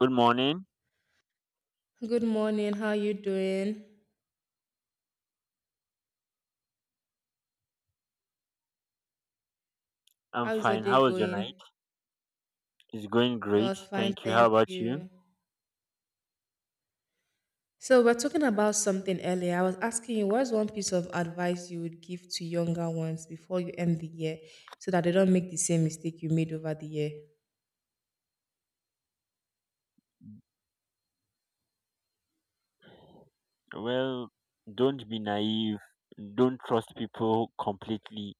Good morning. Good morning. How you doing? I'm How is the fine. day How was your night? going? It's going It great. was fine, Thank you. How thank about you? you. So we're talking about something earlier. I was asking you, what's one piece of advice you would give to younger ones before you end the year, so that they don't make the same mistake you made over the year? Well, don't be naive. Don't trust people completely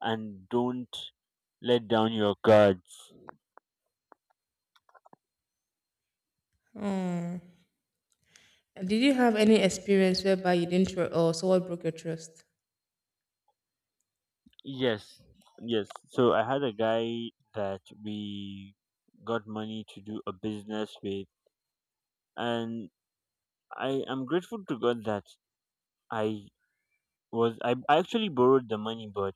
and don't let down your guards. Hmm. And did you have any experience whereby you didn't trust, or someone broke your trust? Yes. Yes. So I had a guy that we got money to do a business with, and I am grateful to God that I was I actually borrowed the money, but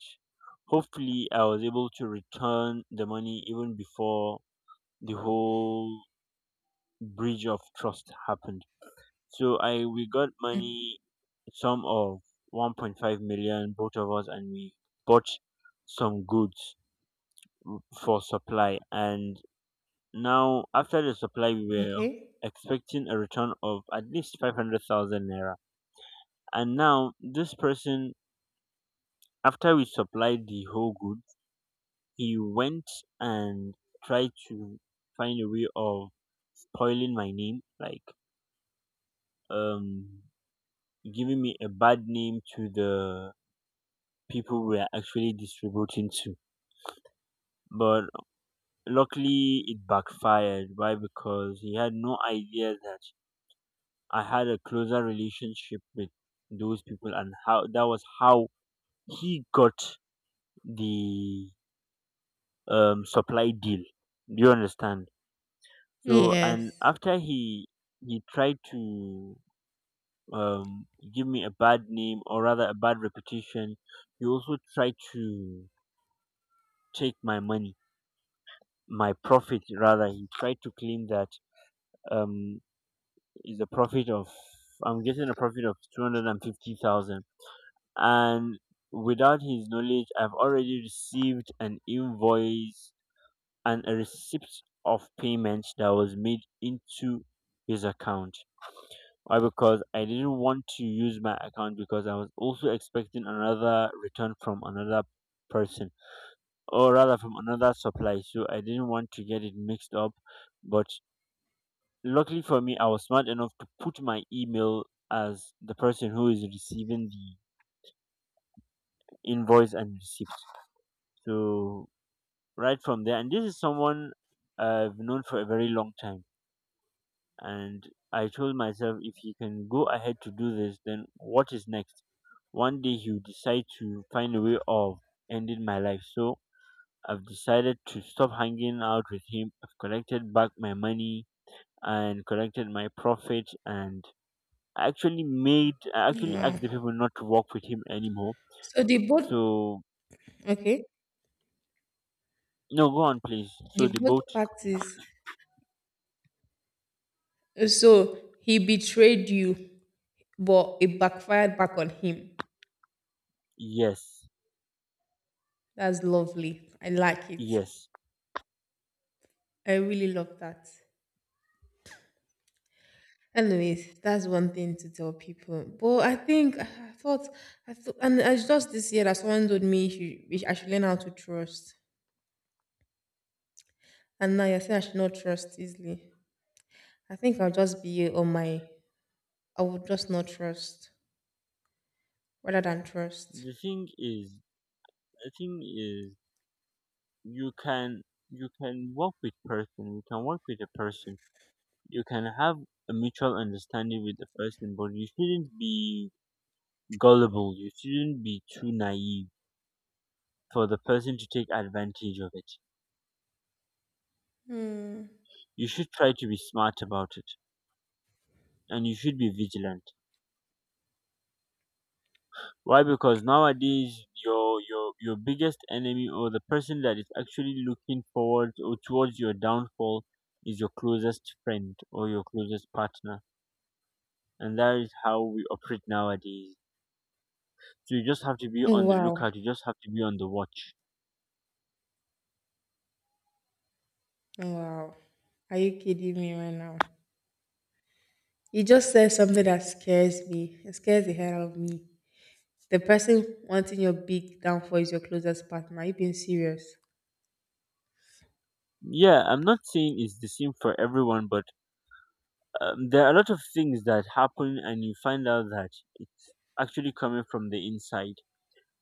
hopefully I was able to return the money even before the whole bridge of trust happened. So I we got Mhm. money, some of 1.5 million, both of us, and we bought some goods for supply. And now after the supply, we were Okay. expecting a return of at least 500,000 naira. And now this person, after we supplied the whole goods, he went and tried to find a way of spoiling my name, like um giving me a bad name to the people we are actually distributing to. But luckily, it backfired. Why? Because he had no idea that I had a closer relationship with those people, and how that was how he got the supply deal. Do you understand? So, and Yes. after he tried to um, give me a bad name, or rather a bad reputation, he also tried to take my money, my profit, rather he tried to claim that um is a profit of I'm getting a profit of 250,000 and 50,000, and without his knowledge I've already received an invoice and a receipt of payment that was made into his account. Why? Because I didn't want to use my account because I was also expecting another return from another person, or rather from another supply, so I didn't want to get it mixed up. But luckily for me, I was smart enough to put my email as the person who is receiving the invoice and receipt. So right from there, and this is someone I've known for a very long time, and I told myself, if he can go ahead to do this, then what is next? One day he'll decide to find a way of ending my life. So I've decided to stop hanging out with him. I've collected back my money and collected my profit, and actually made I actually Wow. asked the people not to work with him anymore. So the both So okay, no, go on please. So the the both boat, parties. So he betrayed you, but it backfired back on him. yes, That's lovely. I like it. yes. I really love that. Anyways, that's one thing to tell people. But I think I thought, and it's just this year that someone told me she, I should learn how to trust. And now you're saying I should not trust easily. I think I'll just be on my. I would just not trust rather than trust. The thing is, the thing is, you can work with a person. You can have a mutual understanding with the person, but you shouldn't be gullible. You shouldn't be too naive for the person to take advantage of it. Hmm. You should try to be smart about it, and you should be vigilant. Why? Because nowadays your biggest enemy, or the person that is actually looking forward or towards your downfall, is your closest friend or your closest partner. And that is how we operate nowadays. So you just have to be on the Wow. lookout, you just have to be on the watch. Wow. Are you kidding me right now? You just said something that scares me. It scares the hell out of me. The person wanting your big downfall is your closest partner. Are you being serious? Yeah, I'm not saying it's the same for everyone, but there are a lot of things that happen and you find out that it's actually coming from the inside.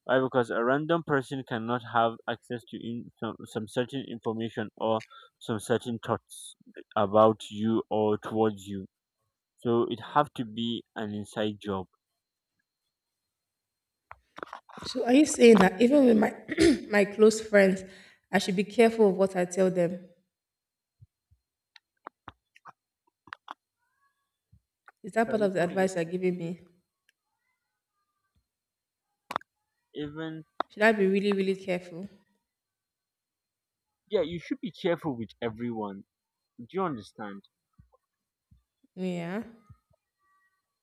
Why? Because a random person cannot have access to some certain information or some certain thoughts about you or towards you. So it have to be an inside job. So are you saying that even with my my close friends, I should be careful of what I tell them? Is that part Sorry, of the come again. advice you're giving me? Even Should I be really, really careful? Yeah, you should be careful with everyone. Do you understand? Yeah.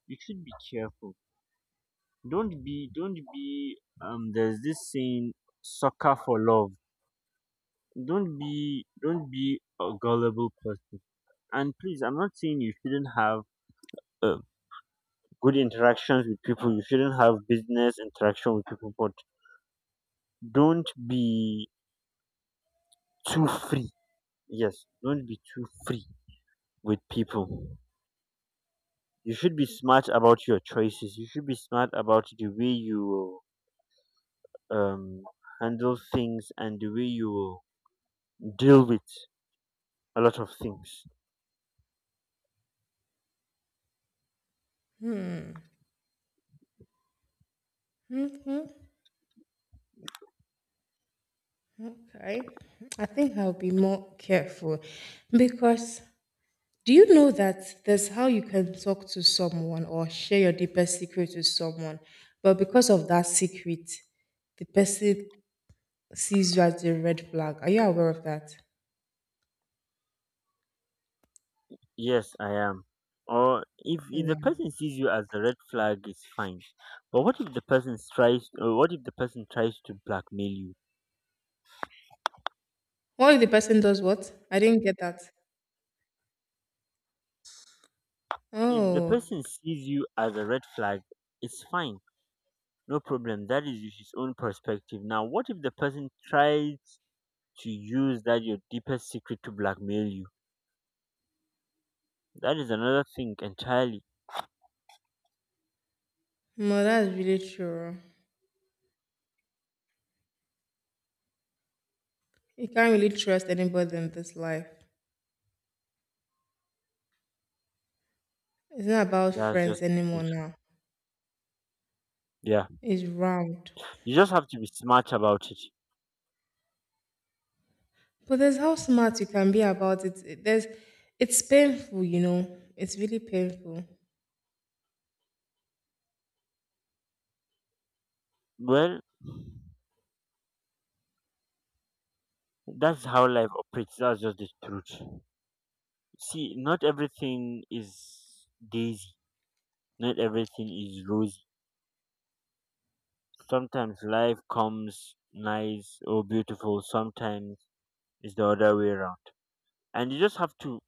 You should be careful. Don't be. There's this saying, "Sucker for love." Don't be a gullible person. And please, I'm not saying you shouldn't have a good interactions with people. You shouldn't have business interaction with people, but don't be too free. Yes, don't be too free with people. You should be smart about your choices. You should be smart about the way you um, handle things and the way you deal with a lot of things. Hmm. Okay. I think I'll be more careful because do you know that there's how you can talk to someone or share your deepest secret with someone, but because of that secret, the person sees you as a red flag. Are you aware of that? Yes, I am. Or if the Yeah. person sees you as a red flag, it's fine. But what if the person tries? Or what if the person tries to blackmail you? What if the person does what? I didn't get that. If the Oh, person sees you as a red flag, it's fine. No problem. That is his own perspective. Now, what if the person tries to use that your deepest secret to blackmail you? That is another thing entirely. no, that's really true. You can't really trust anybody in this life. It's not about That's friends just the anymore thing. now. Yeah. It's round. You just have to be smart about it. But there's how smart you can be about it. It- there's, it's painful, you know. It's really painful. Well, that's how life operates. That's just the truth. See, not everything is daisy. Not everything is rosy. Sometimes life comes nice or beautiful. Sometimes it's the other way around. And you just have to,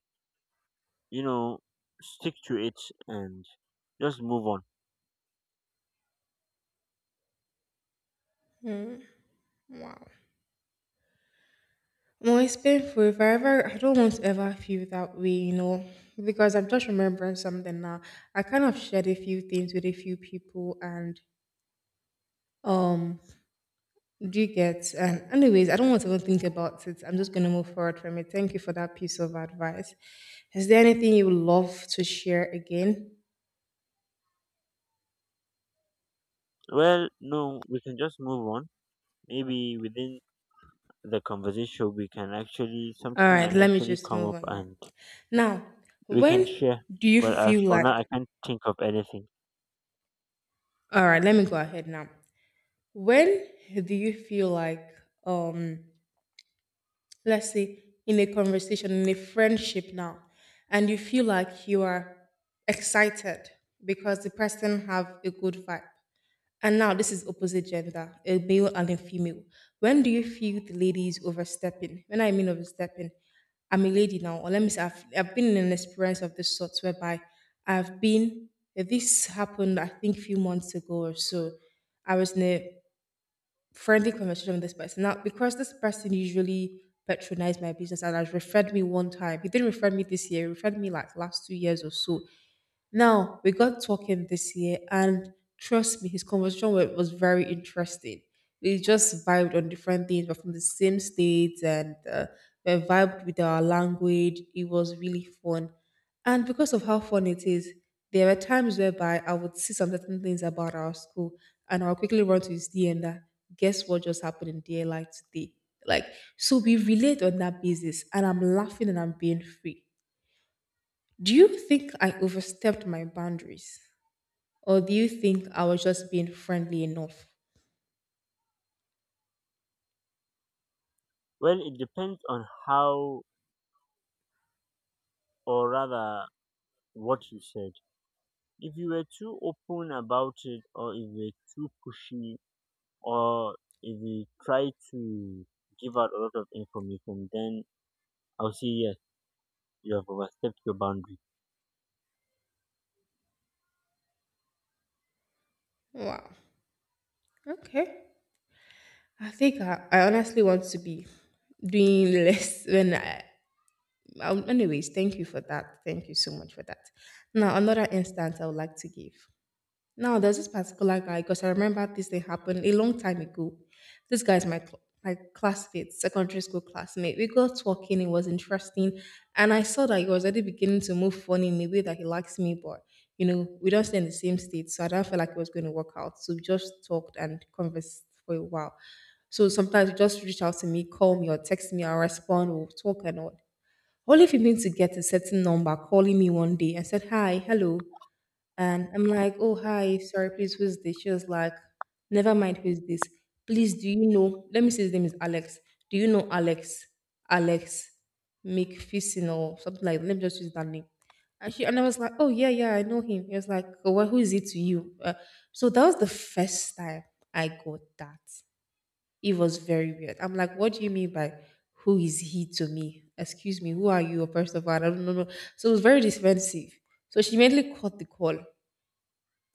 you know, stick to it and just move on. Wow. Well, it's painful. If I ever, I don't want to ever feel that way, you know, because I'm just remembering something now. I kind of shared a few things with a few people, and um, do you get? And anyways, I don't want to even think about it. I'm just gonna move forward from it. Thank you for that piece of advice. Is there anything you would love to share again? Well, no, we can just move on. Maybe within the conversation, we can actually, All something right, might let me actually just come move up on now. and Now, we can when share. do you But as feel for now, I like? can't think of anything. All right, let me go ahead now. When do you feel like um? Let's say in a conversation in a friendship now, and you feel like you are excited because the person have a good vibe, and now this is opposite gender, a male and a female. When do you feel the lady is overstepping? When I mean overstepping, I'm a lady now, or let me say I've been in an experience of this sort whereby I've been this happened I think a few months ago or so. I was in a friendly conversation with this person. Now, because this person usually patronized my business and has referred me one time, he didn't refer me this year, he referred me like last 2 years or so. Now we got talking this year, and trust me, his conversation was very interesting. We just vibed on different things, but from the same states, and we vibed with our language. It was really fun, and because of how fun it is, there were times whereby I would see some certain things about our school, and I'll quickly run to his DM that guess what just happened in DLI today. Like so, we relate on that basis, and I'm laughing and I'm being free. Do you think I overstepped my boundaries? Or do you think I was just being friendly enough? Well, it depends on how, or rather, what you said. If you were too open about it, or if you were too pushy, or if you try to give out a lot of information, then I'll say yes, you have overstepped your boundary. Wow. Okay. I think I honestly want to be doing less when I. Anyways, thank you for that. Thank you so much for that. Now, another instance I would like to give. Now there's this particular guy, because I remember this thing happened a long time ago. This guy is my my classmate, secondary school classmate. We got talking; it was interesting, and I saw that he was already beginning to move funny in a way that he likes me. But you know, we don't stay in the same state, so I don't feel like it was going to work out. So we just talked and conversed for a while. So sometimes you just reach out to me, call me or text me, I'll respond, we'll talk and all. Only for him to get a certain number calling me one day and said, "Hi, hello." And I'm like, "Oh, hi, sorry, please, who's this?" She was like, "Never mind, who's this? Please, do you know? Let me see, his name is Alex. Do you know Alex? Alex McPherson," or something like that. Let me just use that name. And, she, and I was like, "Oh, yeah, yeah, I know him." He was like, "Oh, well, who is he to you?" So that was the first time I got that. It was very weird. I'm like, what do you mean by who is he to me? Excuse me, who are you? First of all, I don't know. No. So it was very defensive. So she immediately caught the call.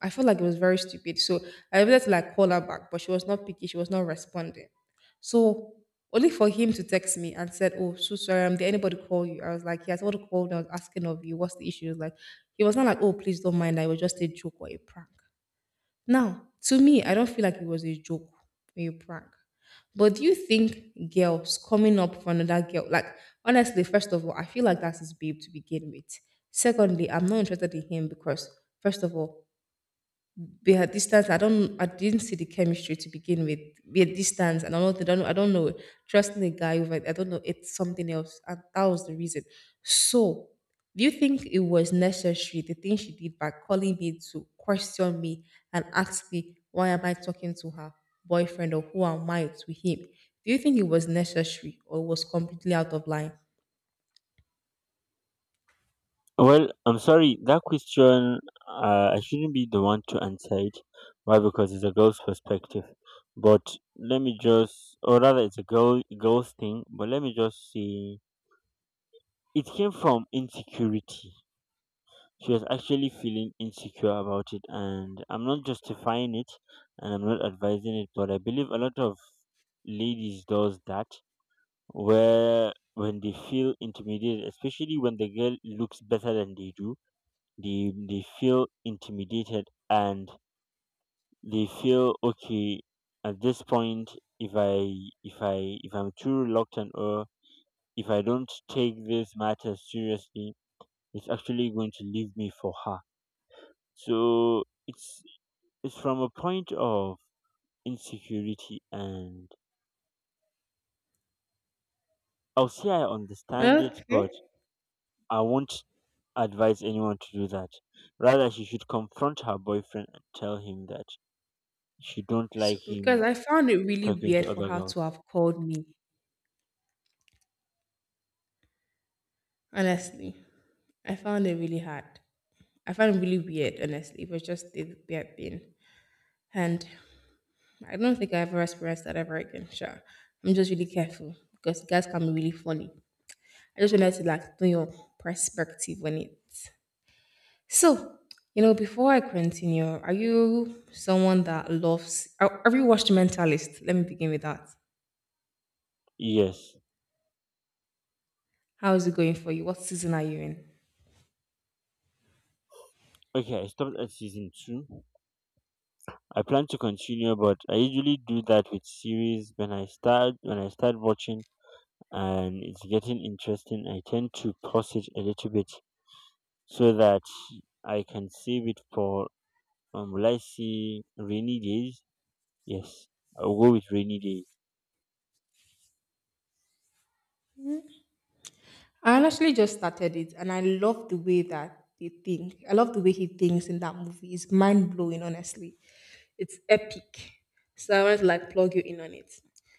I felt like it was very stupid. So I wanted to like call her back, but she was not picky; she was not responding. So only for him to text me and said, "Oh, so sorry, did anybody call you?" I was like, "Yeah, someone called I was asking of you, what's the issue?" He was like, he was not like, "Oh, please don't mind, I was just a joke or a prank." Now, to me, I don't feel like it was a joke or a prank. But do you think girls coming up for another girl, like honestly, first of all, I feel like that's his babe to begin with. Secondly, I'm not interested in him because, first of all, we are distance. I don't. I didn't see the chemistry to begin with. We are distance, and I don't. I don't. I don't know. Trusting a guy over. I don't know. It's something else, and that was the reason. So, do you think it was necessary the thing she did by calling me to question me and ask me why am I talking to her boyfriend, or who am I to him? Do you think it was necessary or was completely out of line? Well, I'm sorry, that question, I shouldn't be the one to answer it. Why? Because it's a girl's perspective. But let me just, or rather, it's a girl's thing. But let me just say, it came from insecurity. She was actually feeling insecure about it, and I'm not justifying it, and I'm not advising it. But I believe a lot of ladies does that, where when they feel intimidated, especially when the girl looks better than they do, they feel intimidated and they feel, okay, at this point, if I if I'm too reluctant, or if I don't take this matter seriously, it's actually going to leave me for her. So it's from a point of insecurity, and I'll say I understand it, but Okay. I won't advise anyone to do that. Rather, she should confront her boyfriend and tell him that she don't So, like because him I found it really talking to weird for other her girls. to have called me. Honestly, I found it really hard. I found it really weird, honestly. It was just the weird thing. And I don't think I ever experienced that ever again. Sure. I'm just really careful because guys can be really funny. I just wanted to like know your perspective on it. So, you know, before I continue, are you someone that loves are, have you watched Mentalist? Let me begin with that. Yes. How is it going for you? What season are you in? Okay, I stopped at season two. I plan to continue, but I usually do that with series when I start watching and it's getting interesting. I tend to pause it a little bit so that I can save it for will I see rainy days? Yes, I'll go with rainy day. I honestly just started it and I love the way that they think. I love the way he thinks in that movie. It's mind blowing, honestly. It's epic. So I want to like plug you in on it.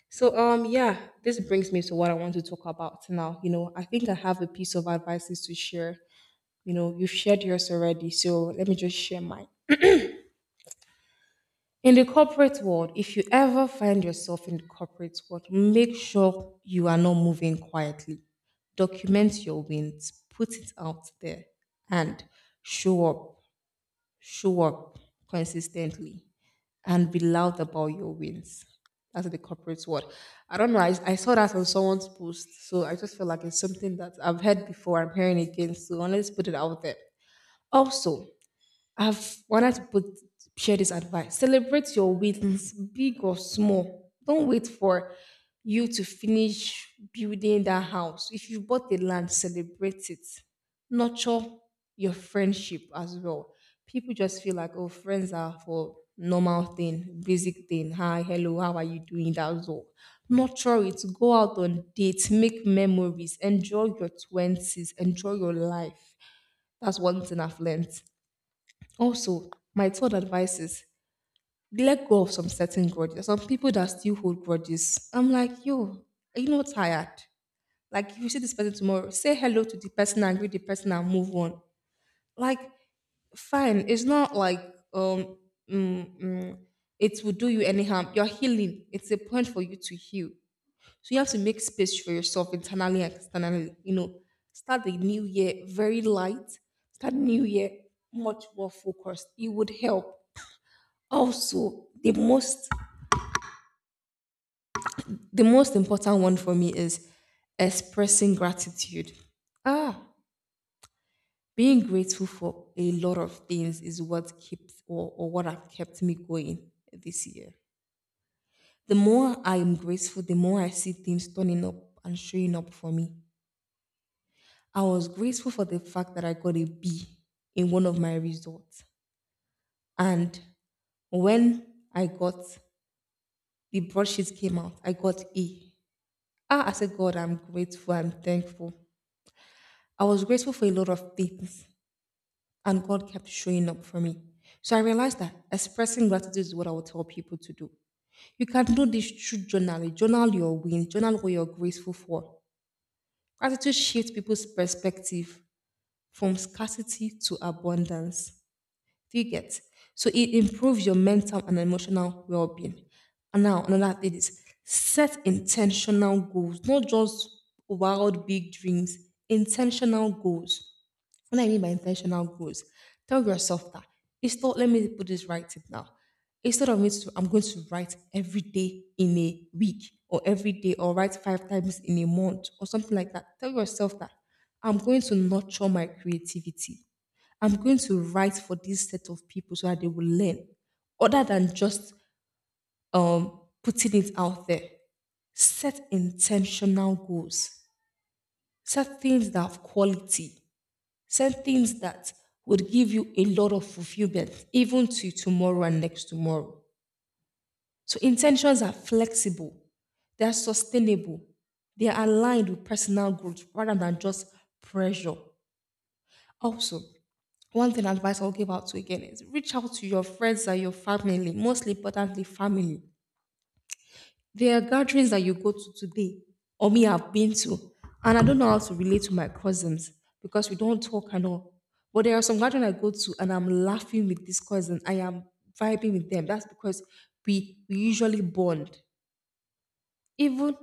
So yeah, this brings me to what I want to talk about now. You know, I think I have a piece of advices to share. You know, you've shared yours already, so let me just share mine. In the corporate world, if you ever find yourself in the corporate world, make sure you are not moving quietly. Document your wins, put it out there, and show up, show up consistently, and be loud about your wins. That's the corporate world. I don't know. I saw that on someone's post, so I just feel like it's something that I've heard before. I'm hearing again, so let's put it out there. Also, I've wanted to put share this advice. Celebrate your wins, big or small. Don't wait for you to finish building that house. If you bought the land, celebrate it. Nurture your friendship as well. People just feel like, oh, friends are for normal thing, basic thing. Hi, hello, how are you doing? That's all. Nurture it. Go out on dates, make memories, enjoy your twenties, enjoy your life. That's one thing I've learned. Also, my third advice is let go of some certain grudges. There's some people that still hold grudges. I'm like, yo, are you not tired? Like, if you see this person tomorrow, say hello to the person, and greet the person, and move on. Like, fine. It's not like um, mm, mm, it will do you any harm. You're healing. It's a point for you to heal. So you have to make space for yourself internally and externally. Start the new year very light. Start the new year much more focused. It would help. Also, the most important one for me is expressing gratitude. Ah, Being grateful for a lot of things is what keeps or what have kept me going this year. The more I am grateful, the more I see things turning up and showing up for me. I was grateful for the fact that I got a B in one of my results. And when I got the broadsheet came out, I got A. I said, God, I'm grateful, I'm thankful. I was grateful for a lot of things, and God kept showing up for me. So I realized that expressing gratitude is what I would tell people to do. You can do this through journaling. Journal your win, journal what you're grateful for. Gratitude shifts people's perspective from scarcity to abundance. Do you get? So it improves your mental and emotional well being. And now, another thing is set intentional goals, not just wild, big dreams, intentional goals. What I mean by intentional goals, tell yourself that instead, let me put this right tip now. Instead of me to, I'm going to write every day in a week or every day or write five times in a month or something like that. Tell yourself that I'm going to nurture my creativity. I'm going to write for this set of people so that they will learn, other than just putting it out there. Set intentional goals. Set things that have quality. Set things that would give you a lot of fulfillment, even to tomorrow and next tomorrow. So intentions are flexible, they are sustainable, they are aligned with personal growth rather than just pressure. Also, one thing advice I'll give out to again is reach out to your friends and your family, most importantly, family. There are gatherings that you go to today, or me I've been to, and I don't know how to relate to my cousins because we don't talk and all. But there are some gatherings I go to and I'm laughing with this cousin. I am vibing with them. That's because we usually bond. Even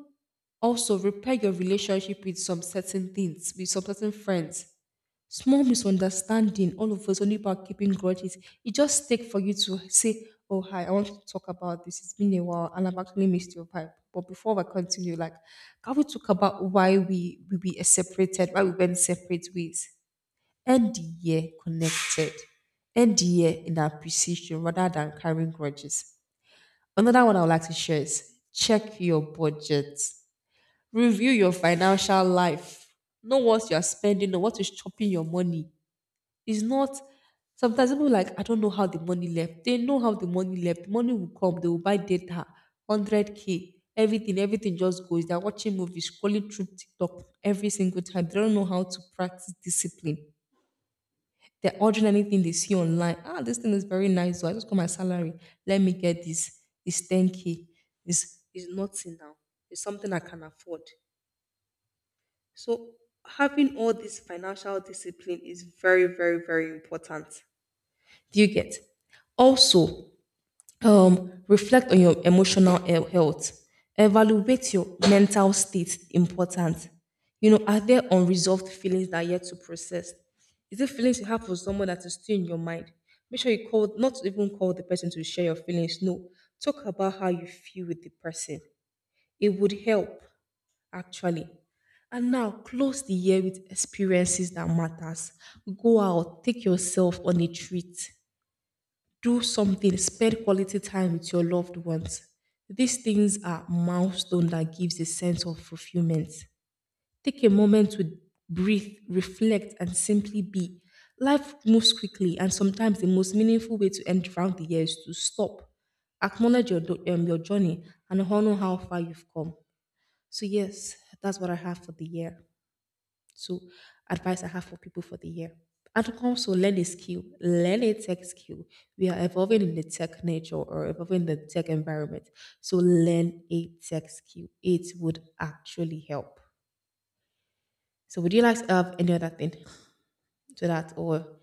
also repair your relationship with some certain things, with some certain friends, small misunderstanding all of a sudden about keeping grudges. It just takes for you to say, oh, hi, I want to talk about this. It's been a while and I've actually missed your vibe. But before I continue, like, can we talk about why we separated, why we went separate ways? End the year connected, end the year in appreciation rather than carrying grudges. Another one I would like to share is check your budget, review your financial life, know what you're spending, know what is chopping your money. It's not, sometimes people like I don't know how the money left. They know how the money left. The money will come, they will buy data, 100K, everything, everything just goes. They're watching movies, scrolling through TikTok every single time. They don't know how to practice discipline. They're ordering anything they see online. Ah, this thing is very nice. So I just got my salary. Let me get this. It's 10K. It's nothing now. It's something I can afford. So having all this financial discipline is very, very, very important. Do you get? Also, reflect on your emotional health. Evaluate your mental state. Important. You know, are there unresolved feelings that are yet to process? Is it feelings you have for someone that is still in your mind? Make sure you call, not even call the person to share your feelings. No, talk about how you feel with the person. It would help, actually. And now close the year with experiences that matters. Go out, take yourself on a treat, do something, spend quality time with your loved ones. These things are milestones that gives a sense of fulfillment. Take a moment to breathe, reflect, and simply be. Life moves quickly, and sometimes the most meaningful way to end round the year is to stop, acknowledge your your journey, and honor how far you've come. So yes, that's what I have for the year. So, advice I have for people for the year. And also learn a skill, learn a tech skill. We are evolving in the tech nature or evolving in the tech environment. So learn a tech skill. It would actually help. So would you like to have any other thing to that? Or do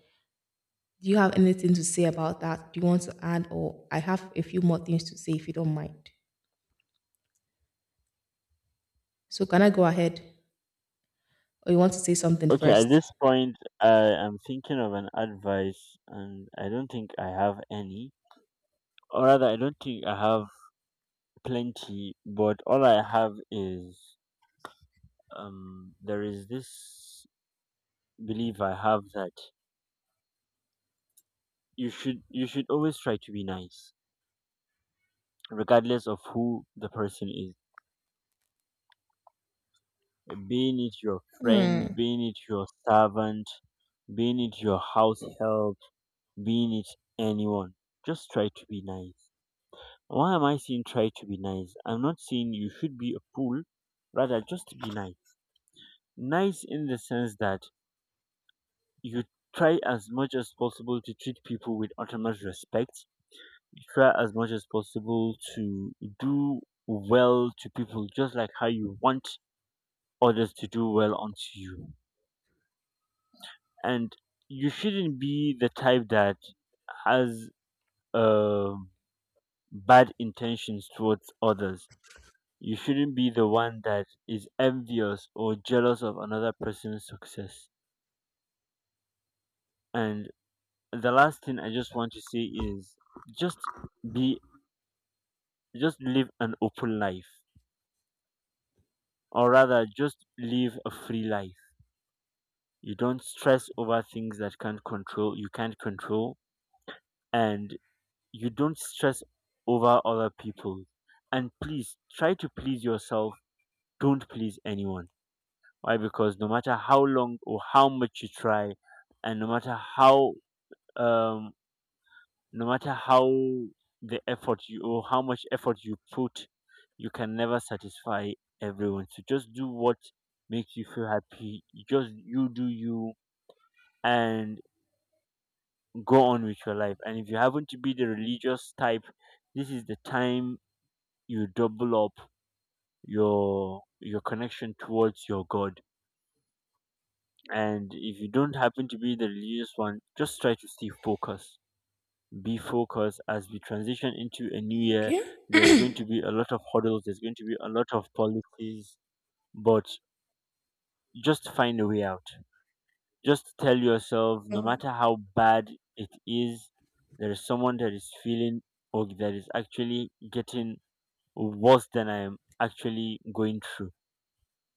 you have anything to say about that? Do you want to add? Or I have a few more things to say if you don't mind. So can I go ahead? Or you want to say something Okay, at first? this point, I am thinking of an advice, and I don't think I have any, or rather, I don't think I have plenty. But all I have is there is this belief I have that you should always try to be nice, regardless of who the person is, being it your friend, Hmm. being it your servant, being it your house help, being it anyone. Just try to be nice. Why am I seeing try to be nice? I'm not saying you should be a fool, rather just be nice. Nice in the sense that you try as much as possible to treat people with utmost respect. You try as much as possible to do well to people just like how you want others to do well onto you. And you shouldn't be the type that has um bad intentions towards others. You shouldn't be the one that is envious or jealous of another person's success. And the last thing I just want to say is, just be, just live an open life, or rather, just live a free life. You don't stress over things that can't control, you can't control, and you don't stress over other people. And please try to please yourself. Don't please anyone. Why? Because no matter how long or how much you try, and no matter how, um, no matter how the effort you or how much effort you put, you can never satisfy everyone. So just do what makes you feel happy. You just you do you and go on with your life. And if you happen to be the religious type, this is the time you double up your connection towards your God. And if you don't happen to be the religious one, just try to stay focused. Be focused as we transition into a new year. Okay. There's going to be a lot of hurdles, there's going to be a lot of policies, but just find a way out. Just tell yourself, no matter how bad it is, there is someone that is feeling, or that is actually getting worse than I am actually going through.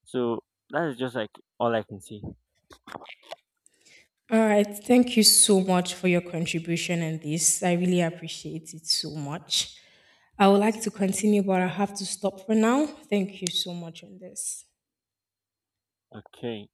So that is just like all I can say. All right. Thank you so much for your contribution and this. I really appreciate it so much. I would like to continue, but I have to stop for now. Thank you so much on this. Okay.